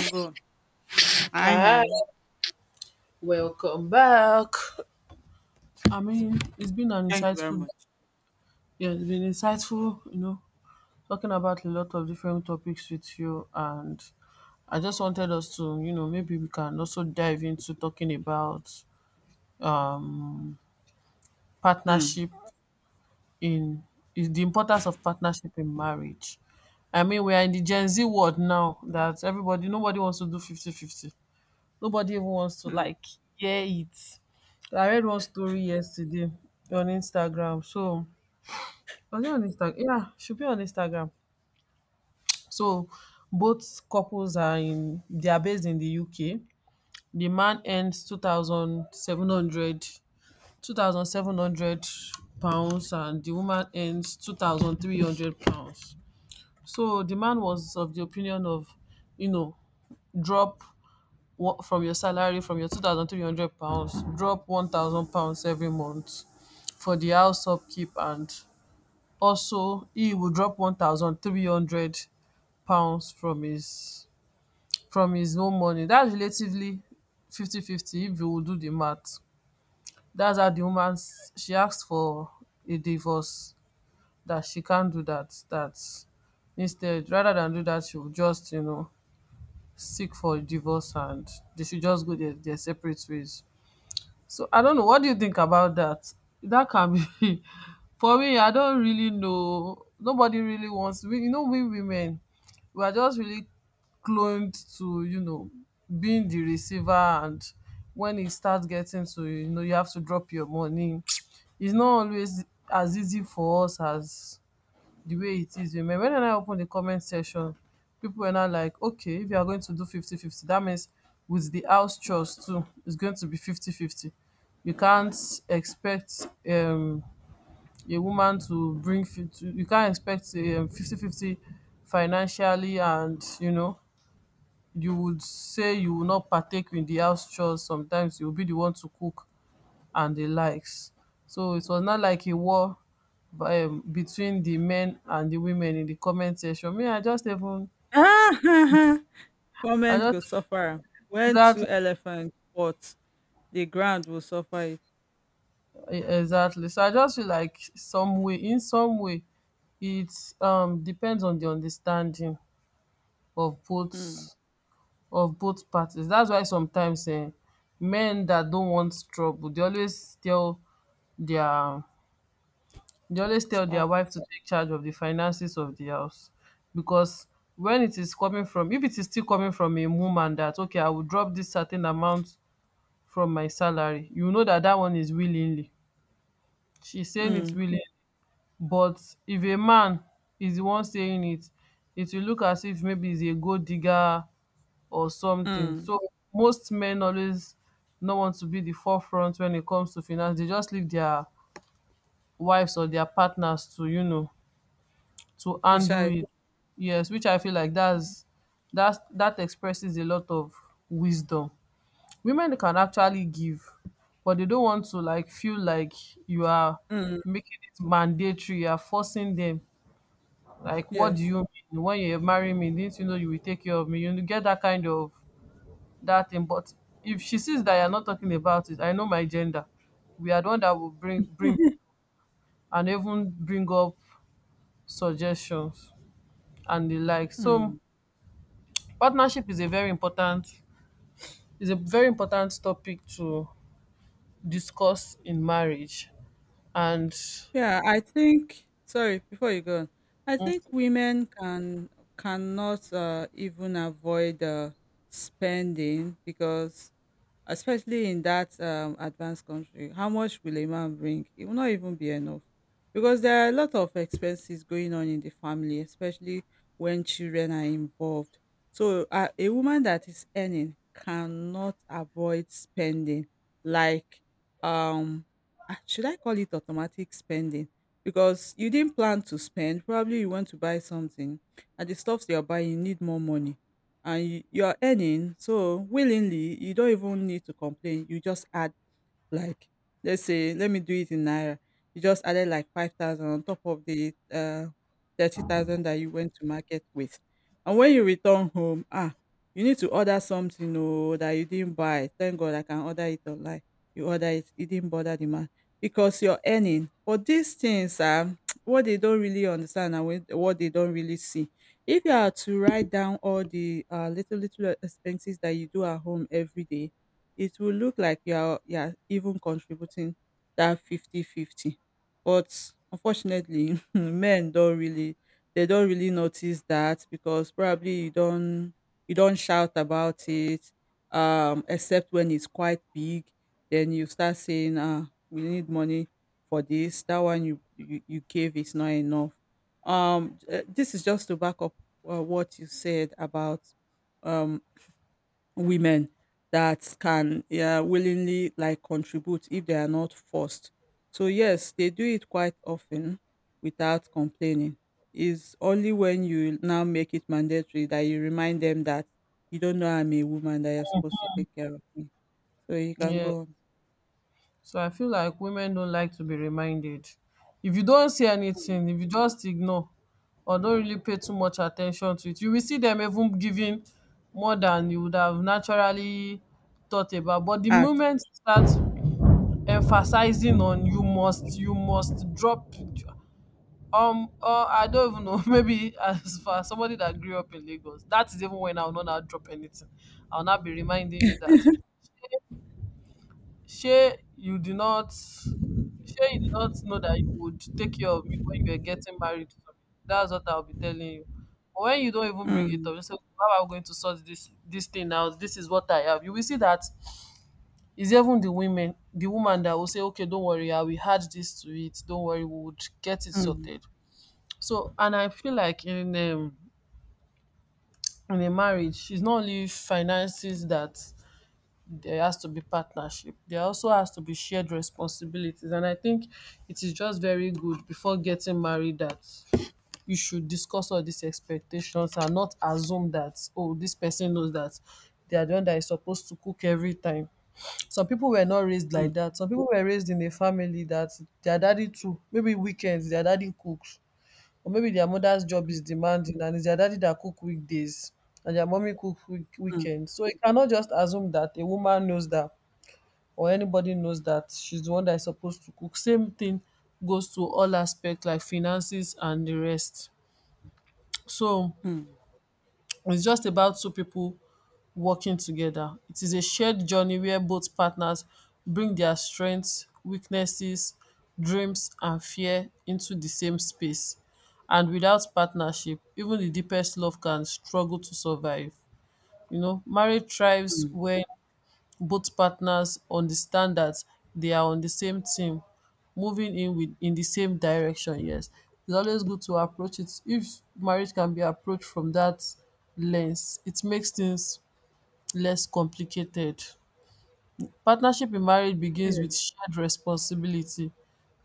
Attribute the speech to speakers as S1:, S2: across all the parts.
S1: I'm good. Hi,
S2: Hi,
S1: hi.
S2: welcome back. I mean, it's been an
S1: Thank you very
S2: insightful,
S1: much.
S2: yeah, it's been insightful, talking about a lot of different topics with you. And I just wanted us to, maybe we can also dive into talking about um,
S1: Mm.
S2: partnership in is the importance of partnership in marriage. I mean, we are in the Gen Z world now that everybody, nobody wants to do 50 50. Nobody even wants to
S1: Mm.
S2: like hear it. I read one story yesterday on Instagram. So was it on Instagram? Yeah, should be on Instagram. So both couples are in they are based in the UK. The man earns £2,700, and the woman earns £2,300. So the man was of the opinion of, you know drop one from your salary, from your £2,300, drop £1,000 every month for the house upkeep, and also he will drop 1300 pounds from his from his own money. That's relatively 50 fifty, if you will do the math. That's how the woman she asked for a divorce, that she can't do that. Instead, rather than do that, she will just, seek for a divorce, and they should just go their separate ways. So I don't know, what do you think about that? That can be for me. I don't really know. Nobody really wants. We, we women, we are just really cloned to, being the receiver, and when it starts getting to, you have to drop your money. It's not always as easy for us as the way it is women. When I open the comment section, people are now like, okay, if you are going to do fifty fifty, that means with the house chores too, it's going to be 50 50. You can't expect a woman to you can't expect 50 fifty financially, and, you would say you will not partake in the house chores. Sometimes you'll be the one to cook and the likes. So it was not like a war between the men and the women in the comment section. Me, I just even. I
S1: Comments
S2: just.
S1: go suffer. When two
S2: Exactly.
S1: elephants fought, the ground will suffer it.
S2: Exactly. So I just feel like some way in some way it depends on the understanding of
S1: Mm.
S2: both parties. That's why sometimes men that don't want trouble, their They always tell their
S1: Spouse.
S2: wife to take charge of the finances of the house, because when it is coming from if it is still coming from a woman that, okay, I will drop this certain amount from my salary, you know that one is willingly, she's saying it
S1: Mm.
S2: willingly. But if a man is the one saying it will look as if maybe he's a gold digger or something.
S1: Mm.
S2: So most men always don't want to be the forefront when it comes to finance. They just leave their wives or their partners to, to handle
S1: Decide.
S2: it. Yes, which I feel like that expresses a lot of wisdom. Women can actually give, but they don't want to like feel like you are
S1: Mm.
S2: making it mandatory, you are forcing them. Like, what do
S1: Yes.
S2: you mean? When you marry me, didn't you know you will take care of me? You get that kind of that thing. But if she sees that you're not talking about it, I know my gender. We are the one that will bring and even bring up suggestions and the like. So
S1: Mm.
S2: partnership is a very important topic to discuss in marriage, and
S1: Yeah, I think. Sorry, before you go on, I
S2: mm,
S1: think women cannot even avoid spending, because especially in that advanced country, how much will a man bring? It will not even be enough because there are a lot of expenses going on in the family, especially when children are involved. So, a woman that is earning cannot avoid spending, like, um, should I call it automatic spending? Because you didn't plan to spend, probably you want to buy something, and the stuffs you're buying need more money, and you are earning, so willingly you don't even need to complain. You just add, like, let's say, let me do it in naira. You just added like 5,000 on top of the 30,000 that you went to market with. And when you return home, you need to order something, oh, that you didn't buy. Thank God I can order it online. You order it, it didn't bother the man because you're earning, but these things are what they don't really understand, and what they don't really see. If you are to write down all the little little expenses that you do at home every day, it will look like you are even contributing that fifty fifty. But unfortunately, men don't really, they don't really notice that, because probably you don't shout about it, except when it's quite big, then you start saying, ah, we need money for this, that one you gave is not enough. This is just to back up what you said about um women that can, yeah, willingly like contribute if they are not forced. So yes, they do it quite often without complaining. Is only when you now make it mandatory, that you remind them that you don't know I'm a woman that you're supposed to take care of me. So you can
S2: yeah.
S1: go
S2: So I feel like women don't like to be reminded. If you don't see anything, if you just ignore or don't really pay too much attention to it, you will see them even giving more than you would have naturally thought about. But the
S1: ask.
S2: moment you start emphasizing on, "you must, you must drop." I don't even know. Maybe as for somebody that grew up in Lagos, that is even when I will not drop anything. I'll not be reminding you that. Shay, you did not. Shay, you did not know that you would take care of me when you were getting married to me. That's what I'll be telling you. But when you don't even bring it
S1: Hmm.
S2: up, you say, "How am I going to sort this thing out? This is what I have." You will see that it's even the women, the woman that will say, "Okay, don't worry, I will add this to it. Don't worry, we would get it
S1: Hmm.
S2: sorted." So, and I feel like in a marriage, it's not only finances that there has to be partnership. There also has to be shared responsibilities, and I think it is just very good before getting married that you should discuss all these expectations, and not assume that, oh, this person knows that they are the one that is supposed to cook every time. Some people were not raised
S1: Hmm.
S2: like that. Some people were raised in a family that their daddy too, maybe weekends their daddy cooks, or maybe their mother's job is demanding and it's their daddy that cook weekdays and their mommy cook
S1: Hmm.
S2: weekends. So you cannot just assume that a woman knows that, or anybody knows that she's the one that is supposed to cook. Same thing goes to all aspects like finances and the rest. So
S1: Hmm.
S2: it's just about two people working together. It is a shared journey where both partners bring their strengths, weaknesses, dreams, and fear into the same space. And without partnership, even the deepest love can struggle to survive. You know, marriage thrives
S1: Hmm.
S2: when both partners understand that they are on the same team, moving in the same direction. Yes, it's always good to approach it. If marriage can be approached from that lens, it makes things less complicated. Partnership in marriage begins with shared responsibility,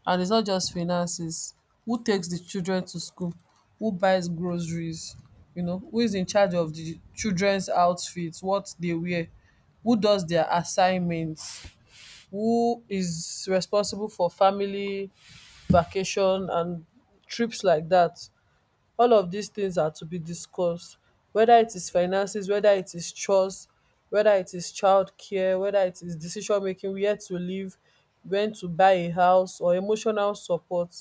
S2: and it's not just finances. Who takes the children to school, who buys groceries, who is in charge of the children's outfits, what they wear, who does their assignments, who is responsible for family vacation and trips like that. All of these things are to be discussed, whether it is finances, whether it is chores, whether it is childcare, whether it is decision making, where to live, when to buy a house, or emotional support.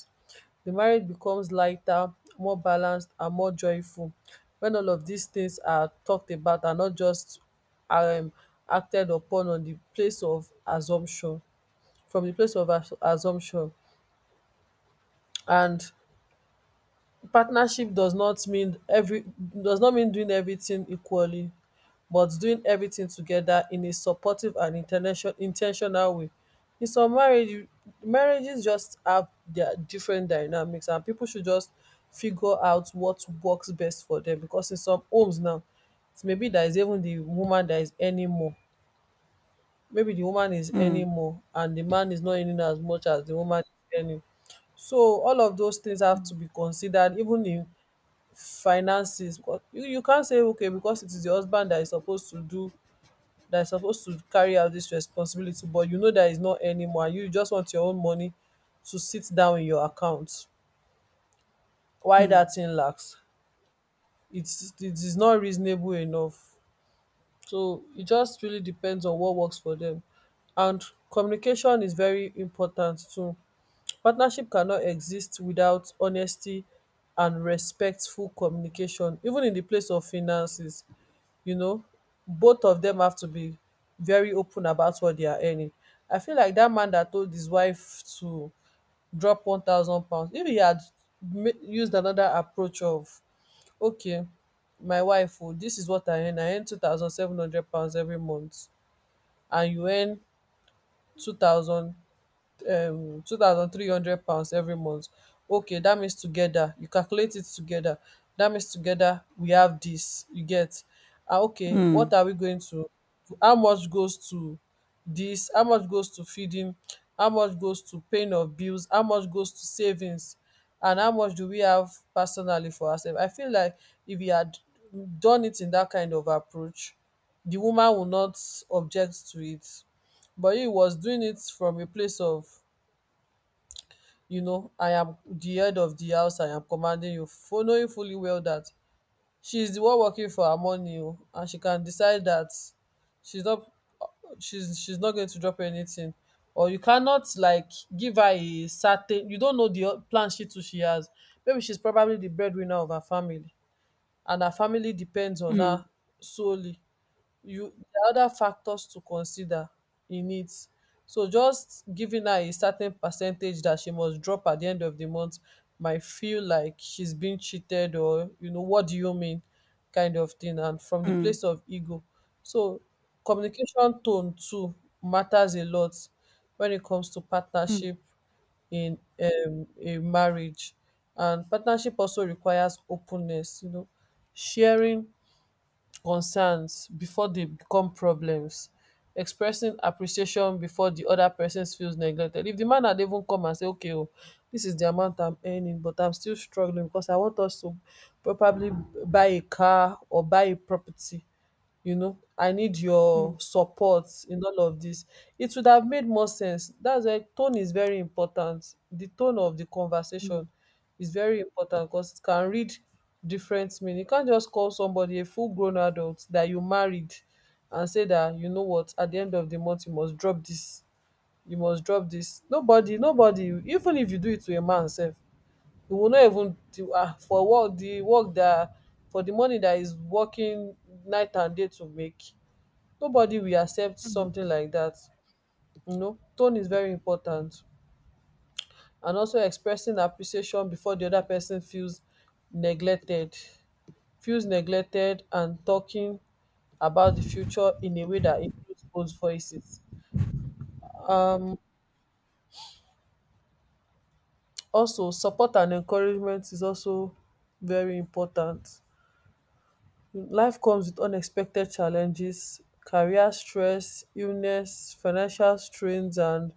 S2: The marriage becomes lighter, more balanced, and more joyful when all of these things are talked about, and not just um acted upon on the place of assumption, from the place of assumption. And partnership does not mean every does not mean doing everything equally, but doing everything together in a supportive and intentional way. In some marriages just have their different dynamics, and people should just figure out what works best for them, because in some homes now it may be that is even the woman that is earning more. Maybe the woman is
S1: Hmm.
S2: earning more and the man is not earning as much as the woman is earning. So all of those things have to be considered, even in finances, because you can't say, okay, because it is the husband that is supposed to carry out this responsibility, but you know that he's not anymore, you just want your own money to sit down in your account, why that
S1: Hmm.
S2: thing lacks. It is not reasonable enough. So it just really depends on what works for them. And communication is very important too. Partnership cannot exist without honesty and respectful communication, even in the place of finances. You know, both of them have to be very open about what they are earning. I feel like that man that told his wife to drop £1,000, if he had used another approach of, okay, my wife oo, dis is what I earn £2,700 every month, and you earn two thousand £2,300 every month. Okay, that means together, you calculate it together. That means together we have this, you get, ah, okay, what
S1: Hmm.
S2: are we going to, how much goes to this, how much goes to feeding, how much goes to paying of bills, how much goes to savings, and how much do we have personally for ourselves. I feel like if you had done it in that kind of approach, the woman will not object to it. But he was doing it from a place of, you know, I am the head of the house, I am commanding you, for knowing fully well that she is the one working for her money o, and she can decide that she's not she's not going to drop anything. Or you cannot like give her a certain, you don't know the plan she too she has. Maybe she's probably the breadwinner of her family and her family depends on
S1: Hmm.
S2: her solely. You there other factors to consider in it. So just giving her a certain percentage that she must drop at the end of the month might feel like she's being cheated or, you know, what do you mean kind of thing, and from the place of ego. So communication, tone too matters a lot when it comes to partnership
S1: Hmm.
S2: in a marriage. And partnership also requires openness, you know, sharing concerns bifor dey become problems, expressing appreciation bifor di oda pesin feels neglected. If di man had even come and say, okay o, dis is di amount I'm earning but I'm still struggling becos I want us to probably buy a car or buy a property, you know I need your
S1: Hmm.
S2: support in all of this, it would have made more sense. That's why tone is very important. The tone of the
S1: Hmm.
S2: conversation is very important because it can read different meaning. You can't just call somebody, a full grown adult that you married, and say that, you know what, at the end of the month you must drop this, you must drop this. Nobody, even if you do it to a man sef, he will not even do ah for work, the work that, for the money that is working night and day to make. Nobody will accept something like dat. Tone is very important, and also expressing appreciation before di oda pesin feels neglected, feels neglected, and talking about di future in a way dat includes both voices. um Also support and encouragement is also very important. Life comes with unexpected challenges, career stress, illness, financial strains and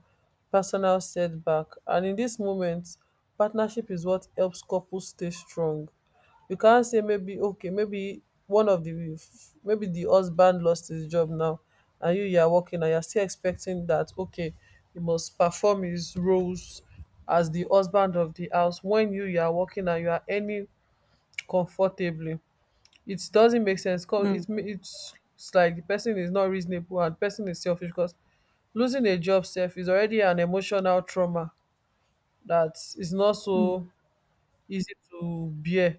S2: personal setback, and in dis moment partnership is what helps couples stay strong. You can't say, maybe okay, maybe one of the, maybe the husband lost his job now and you are working and you are still expecting that, okay, he must perform his roles as the husband of the house, when you are working and you are earning comfortably. It doesn't make sense, cause
S1: Hmm. Hmm.
S2: it's like the person is not reasonable and person is selfish, because losing a job self is already an emotional trauma that is not so easy to bear,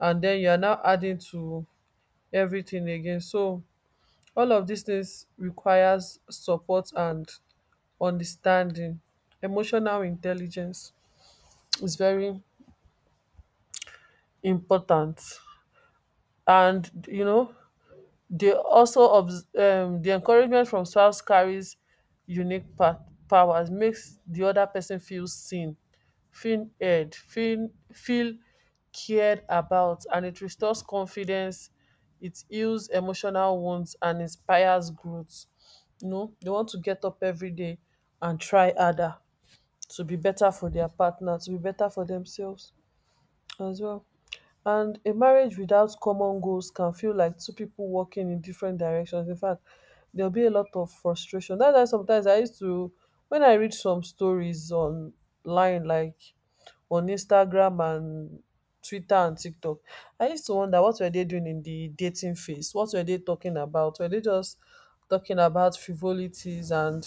S2: and then you are now adding to everything again. So all of these things requires support and understanding. Emotional intelligence is very important. And you know, dey also the encouragement from spouse carries unique powers, makes the other person feel seen, feel heard, feel cared about, and it restores confidence. It heals emotional wounds and inspires growth, you know, dey want to get up everyday and try harder, to be better for their partner, to be better for themselves as well. And a marriage without common goals can feel like two people walking in different directions. In fact, there'll be a lot of frustration. That's why sometimes I used to, when I read some stories online, like on Instagram and Twitter and TikTok, I used to wonder, what were they doing in the dating phase? What were they talking about? Were they just talking about frivolities and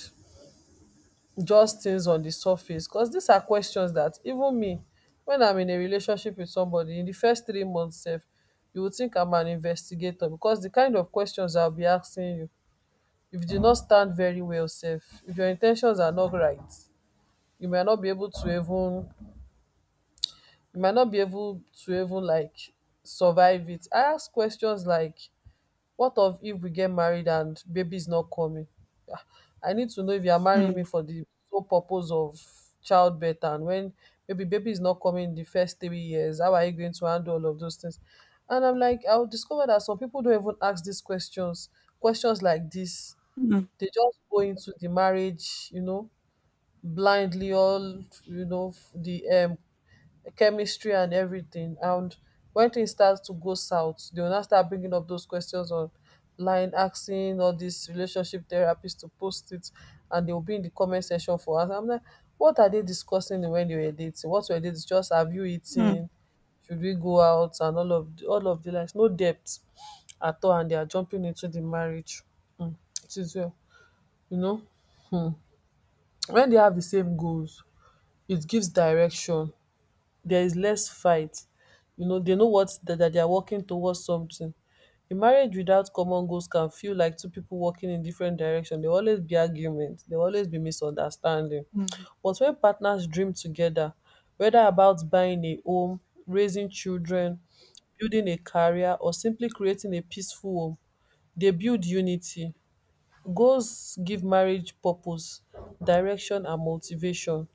S2: just things on the surface? Because these are questions that, even me, when I'm in a relationship with somebody, in the first 3 months, sef, you would think I'm an investigator, because the kind of questions I'll be asking you, if you do not stand very well, safe, if your intentions are not right, you might not be able to even, you might not be able to even like survive it. I ask questions like, what of if we get married and baby is not coming? Ah, I need to know if you are marrying me
S1: Hmm.
S2: for the sole purpose of childbirth, and when maybe baby is not coming in the first 3 years, how are you going to handle all of those things? And I'm like, I'll discover that some people don't even ask these questions, questions like this.
S1: Hmm.
S2: They just go into the marriage, you know, blindly all, you know, f- the chemistry and everything, and wen tins start to go south dey go now start bringing up those questions online, asking all dis relationship therapist to post it, and dey will be in di comment section for am. I'm like, what are dey discussing wen dey were dating? What were dey just, have you
S1: Mm,
S2: eaten, should we go out, and all of di likes? No depth at all, and they are jumping into di marriage. It is well, you know. Wen dey have di same goals, it gives direction. There is less fight, you know they know what that that they are working towards something. A marriage without common goals can feel like two people walking in different direction. There will always be argument, there will always be misunderstanding.
S1: mm,
S2: But when partners dream together, whether about buying a home, raising children, building a career, or simply creating a peaceful home, they build unity. Goals give marriage purpose, direction and motivation,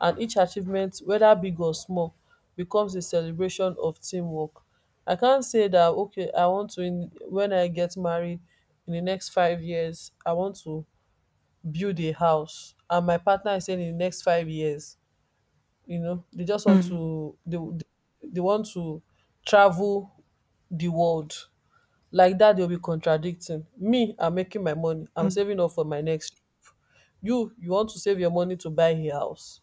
S2: and each achievement, whether big or small, becomes a celebration of teamwork. I can not say that, okay, I want to when I get married in the next 5 years I want to build a house, and my partner is saying in the next 5 years, you know
S1: mm,
S2: they want to travel the world. Like that, they'll be contradicting me. I'm making my money, I'm
S1: mm.
S2: saving up for my next, you want to save your money to buy a house.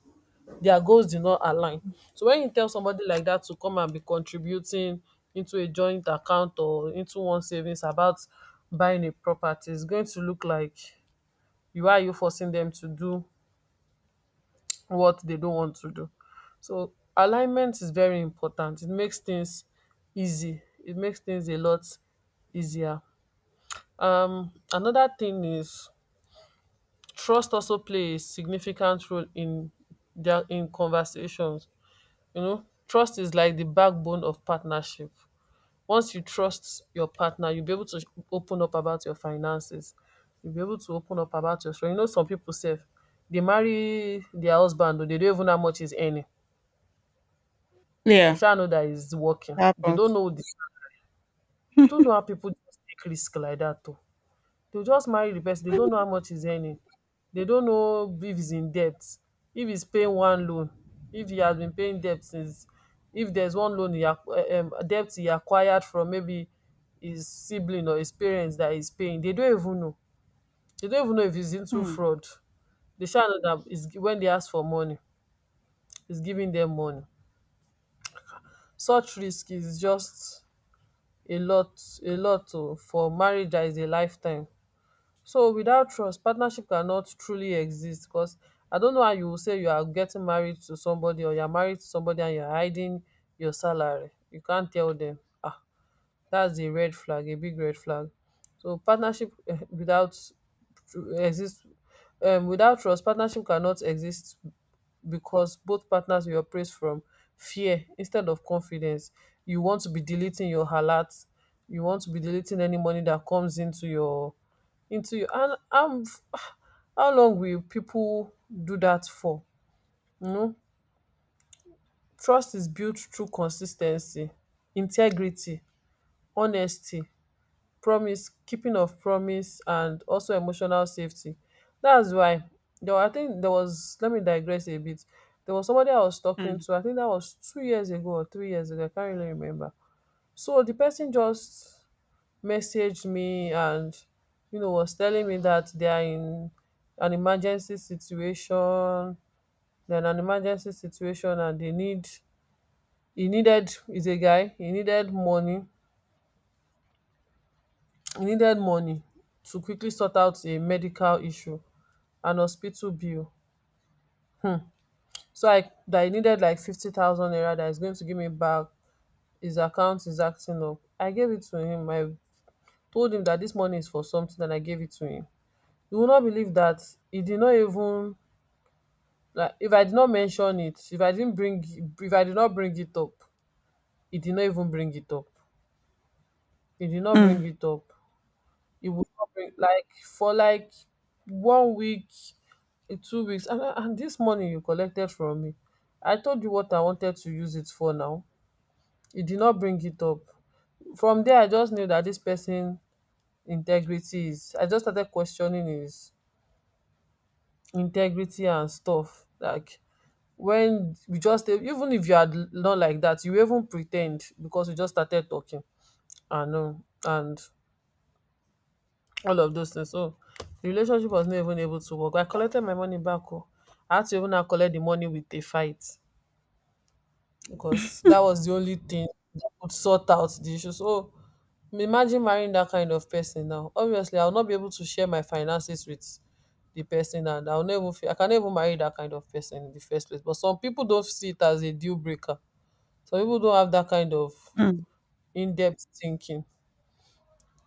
S2: Their goals did not align. So when you tell somebody like that to come and be contributing into a joint account or into one savings about buying a property, it's going to look like you are, you forcing them to do what they don't want to do. So alignment is very important. It makes things easy, it makes things a lot easier. Another thing is, trust also play a significant role in dia in conversations. You know, trust is like the backbone of partnership. Once you trust your partner, you'll be able to open up about your finances, you'll be able to open up about your strength. You know, some people say they marry their husband, they don't even know how much is earning. They
S1: Yeah,
S2: sha know dat he's working.
S1: it
S2: They don't
S1: happens.
S2: know di, I don't know how people just take risk like that. They'll just marry the person, they don't know how much he's earning. They don't know if he's in debt, if he's paying one loan, if he has been paying debt since, if there's one loan he debt he acquired from maybe his sibling or his parents that he's paying. They don't even know. They don't even know if he's into
S1: Mm,
S2: fraud. They shall know that is when they ask for money, he's giving them money. Such risk is just a lot, a lot oh, for marriage that is a lifetime. So without trust, partnership cannot truly exist, because I don't know how you will say you are getting married to somebody, or you're married to somebody and you're hiding your salary. You can't tell them. Ah, that's a red flag, a big red flag. So partnership eh, without tru- exist without trust, partnership cannot exist, because both partners will operate from fear instead of confidence. You want to be deleting your alerts, you want to be deleting any money that comes into your, into your, and I'm how long will people do that for? You know, trust is built through consistency, integrity, honesty, promise, keeping of promise, and also emotional safety. That's why there were, I think there was, let me digress a bit. There was somebody I was talking
S1: mm,
S2: to, I think that was 2 years ago or 3 years ago, I can't really remember. So the person just messaged me and, you know, was telling me that they are in an emergency situation. They're in an emergency situation and they need he needed is a guy, he needed money, e needed money to quickly sort out a medical issue, an hospital bill. So I needed like 50,000 naira that is going to give me back. His account is acting up. I gave it to him. I told him that this money is for something and I gave it to him. You will not believe that he did not even, like, if I did not mention it, if I did not bring it up, he did not even bring it up. he did not bring
S1: mm,
S2: it up it would not bring, like, for like 1 week, in 2 weeks. And this money you collected from me, I told you what I wanted to use it for. Now you did not bring it up. From there I just knew that this person integrity is I just started questioning his integrity and stuff. Like, when we just, even if you had, not like that, you even pretend, because we just started talking, I know and all of those things. So the relationship was not even able to work. I collected my money back. Oh, I had to even now collect the money with a fight, because that was the only thing that could sort out the issue. So imagine marrying that kind of person now. Obviously, I'll not be able to share my finances with the person, and I'll never feel, I can never marry that kind of person in the first place. But some people don't see it as a deal breaker. Some people don't have that kind of
S1: mm,
S2: in-depth thinking.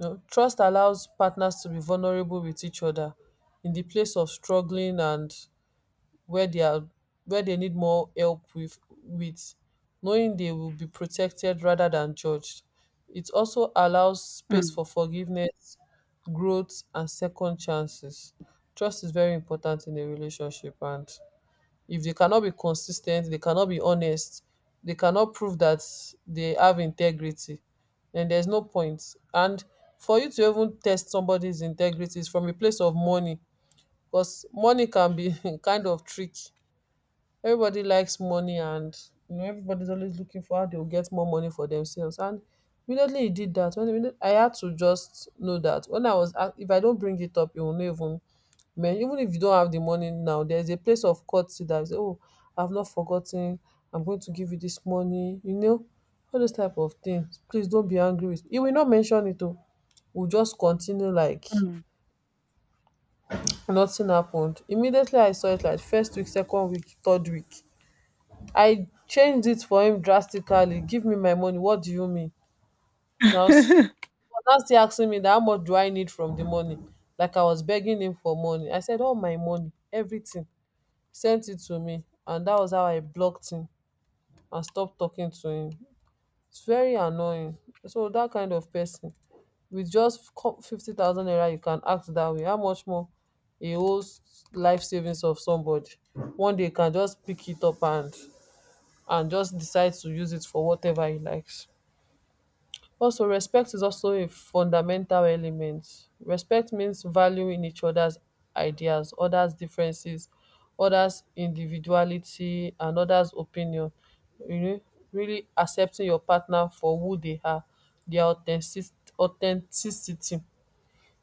S2: You know, trust allows partners to be vulnerable with each other in the place of struggling and where they are, where they need more help with knowing they will be protected rather than judged. It also allows space
S1: mm,
S2: for forgiveness, growth and second chances. Trust is very important in a relationship, and if they cannot be consistent, they cannot be honest, they cannot prove that they have integrity, then there's no point. And for you to even test somebody's integrity is from a place of money, because money can be kind of tricky. Everybody likes money, and you know everybody's always looking for how they'll get more money for themselves. And immediately he did that, I had to just know that when I was a- if I don't bring it up you will not even, man, even if you don't have the money now, there's a place of courtesy that say, oh, I've not forgotten, I'm going to give you this money, you know, all those type of things, please don't be angry with me. He will not mention it, oh, we'll just continue like
S1: mm,
S2: nothing happened. Immediately I saw it, like first week, second week, third week, I changed it for him drastically. Give me my money, what do you mean? now s- was now still asking me that how much do I need from the money, like I was begging him for money. I said all my money, everything, sent it to me, and that was how I blocked him and stopped talking to him. It's very annoying. So that kind of person, with just 50,000 naira you can act that way, how much more a whole life savings of somebody. One day you can just pick it up and just decides to use it for whatever he likes. Also, respect is also a fundamental element. Respect means valuing each other's ideas, others' differences, others' individuality, and others' opinion. You know, really accepting your partner for who they are, their authenticity.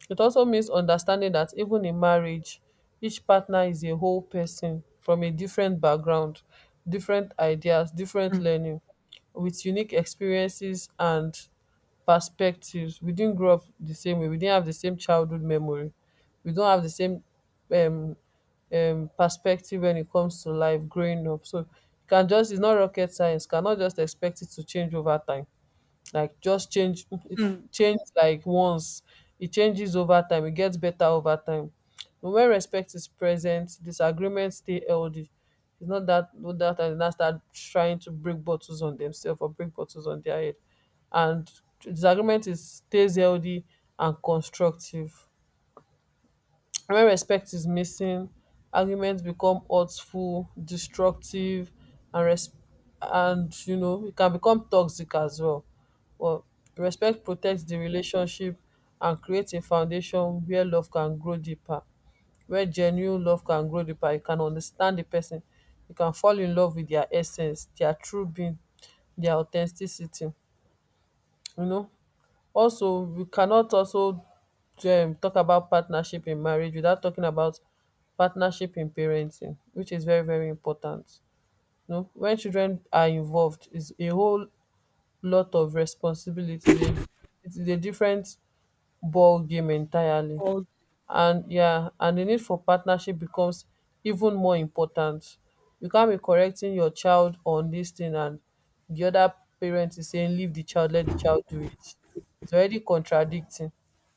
S2: It also means understanding that even in marriage, each partner is a whole person from a different background, different ideas, different
S1: mm,
S2: learning, with unique experiences and perspectives. We didn't grow up the same way. We didn't have the same childhood memory. We don't have the same um, perspective when it comes to life growing up. So you can just, it's not rocket science, cannot just expect it to change over time, like just change it,
S1: mm,
S2: changes, like once, it changes over time, it gets better over time. But when respect is present, disagreements stay healthy. It's not that, and now start trying to break bottles on themselves or break bottles on their head. And disagreement is, stays healthy and constructive. When respect is missing, arguments become hurtful, destructive, and res- and you know it can become toxic as well. But respect protects di
S1: mm.
S2: relationship and creates a foundation wia love can grow deeper, wia genuine love can grow deeper. You can understand di pesin, you can fall in love wit dia essence, dia true being, dia authenticity, you know. Also, we cannot also talk about partnership in marriage without talking about partnership in parenting, which is very very important. You know, when children are involved is a whole lot of responsibility. It is a different ball game entirely.
S1: Oh,
S2: And yeah, and the need for partnership becomes even more important. You can't be correcting your child on this thing and the other parent is saying leave the child, let the child do it. It's already contradicting.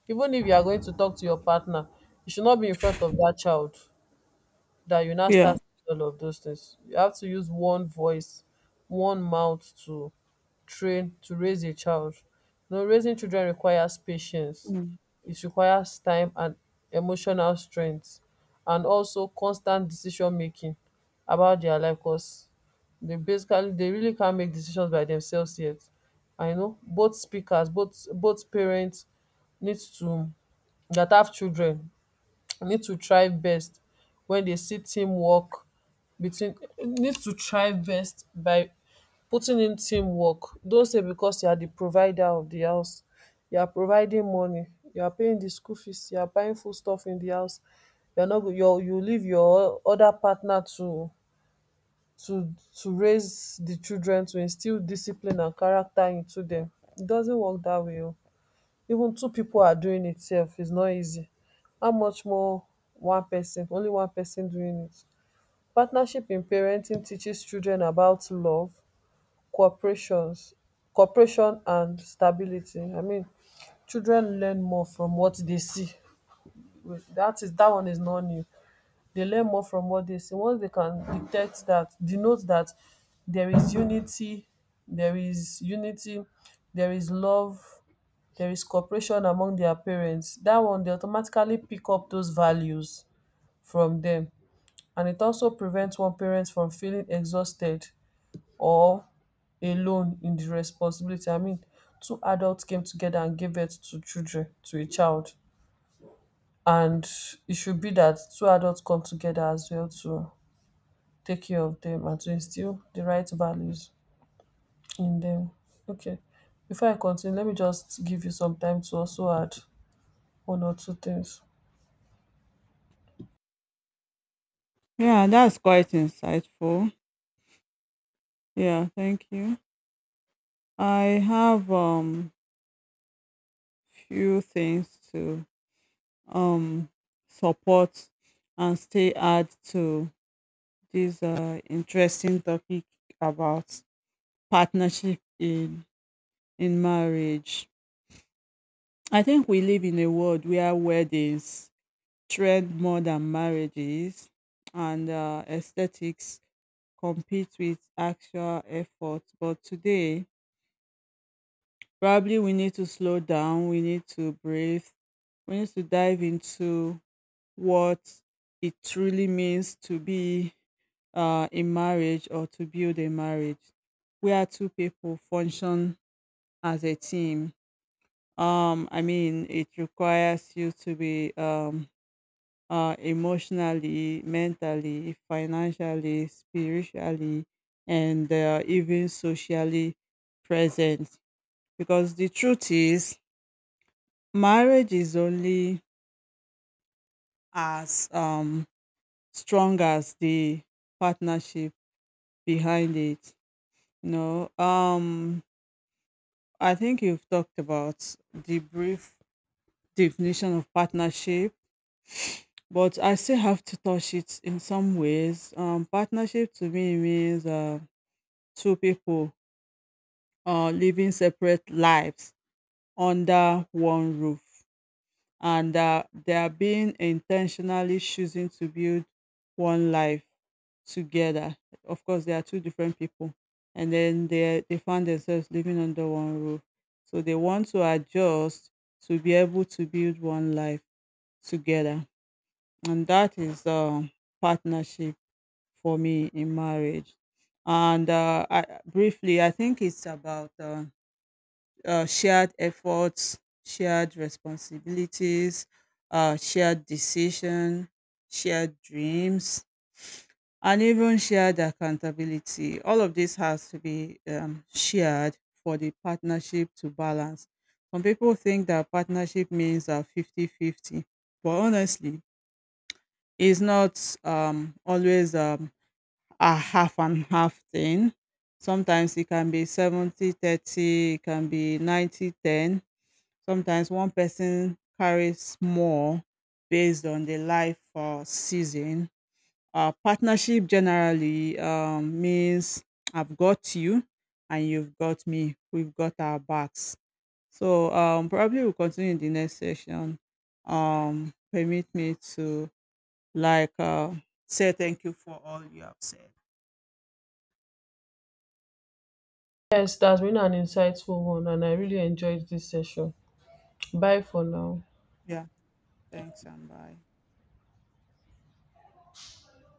S2: Even if you are going to talk to your partner, you should not be in front of that child that you now
S1: yeah.
S2: start seeing all of those things. You have to use one voice, one mouth to train, to raise a child. You know, raising children requires patience.
S1: Mm.
S2: It requires time and emotional strength, and also constant decision making about their life. Cause they basically, they really can't make decisions by themselves yet. I know both speakers, both parents need to, that have children, need to try best when they see teamwork between, need to try best by putting in teamwork. Don't say because you are the provider of the house, you are providing money, you are paying the school fees, you are buying food stuff in the house, you are not go your, you leave your other partner to raise the children, to instill discipline and character into them. It doesn't work that way, oo. Even two people are doing it sef is not easy, how much more one person, only one person doing it. Partnership in parenting teaches children about love, cooperations cooperation and stability. I mean, children learn more from what they see. Dat is, dat one is not new. They learn more from all dis tin. Once they can detect that, denote that there is unity, there is unity there is love, there is cooperation among their parents. That one, they automatically pick up those values from them, and it also prevents one parent from feeling exhausted or alone in the responsibility. I mean, two adults came together and gave birth to children, to a child, and it should be that two adults come together as well to take care of them and to instill the right values in them. Okay, before I continue, let me just give you some time to also add one or two things.
S1: Yeah, that's quite insightful. Yeah, thank you. I have few things to um support and stay add to this interesting topic about partnership in marriage. I think we live in a world where weddings trend more than marriages, and aesthetics compete with actual effort. But today, probably we need to slow down, we need to breathe, we need to dive into what it truly means to be in marriage, or to build a marriage where two people function as a team. I mean, it requires you to be emotionally, mentally, financially, spiritually, and even socially present. Because the truth is, marriage is only as strong as the partnership behind it. You know, um, I think you've talked about the brief definition of partnership, but I still have to touch it in some ways. Partnership to me means, two people living separate lives under one roof, and they are being intentionally choosing to build one life together. Of course they are two different people, and then they find themselves living under one roof, so they want to adjust to be able to build one life together. And that is partnership for me in marriage. And briefly I think it's about shared efforts, shared responsibilities, shared decision, shared dreams, and even shared accountability. All of this has to be shared for the partnership to balance. Some people think that partnership means fifty-fifty, but honestly, it's not always a half and half thing. Sometimes it can be 70-30, it can be 90-10. Sometimes one person carries more based on the life season. Partnership generally means I've got you and you've got me. We've got our backs. So probably we'll continue in the next session. Permit me to like say thank you for all you have said.
S2: Yes, that's been an insightful one, and I really enjoyed this session. Bye for now.
S1: Yeah, thanks and bye.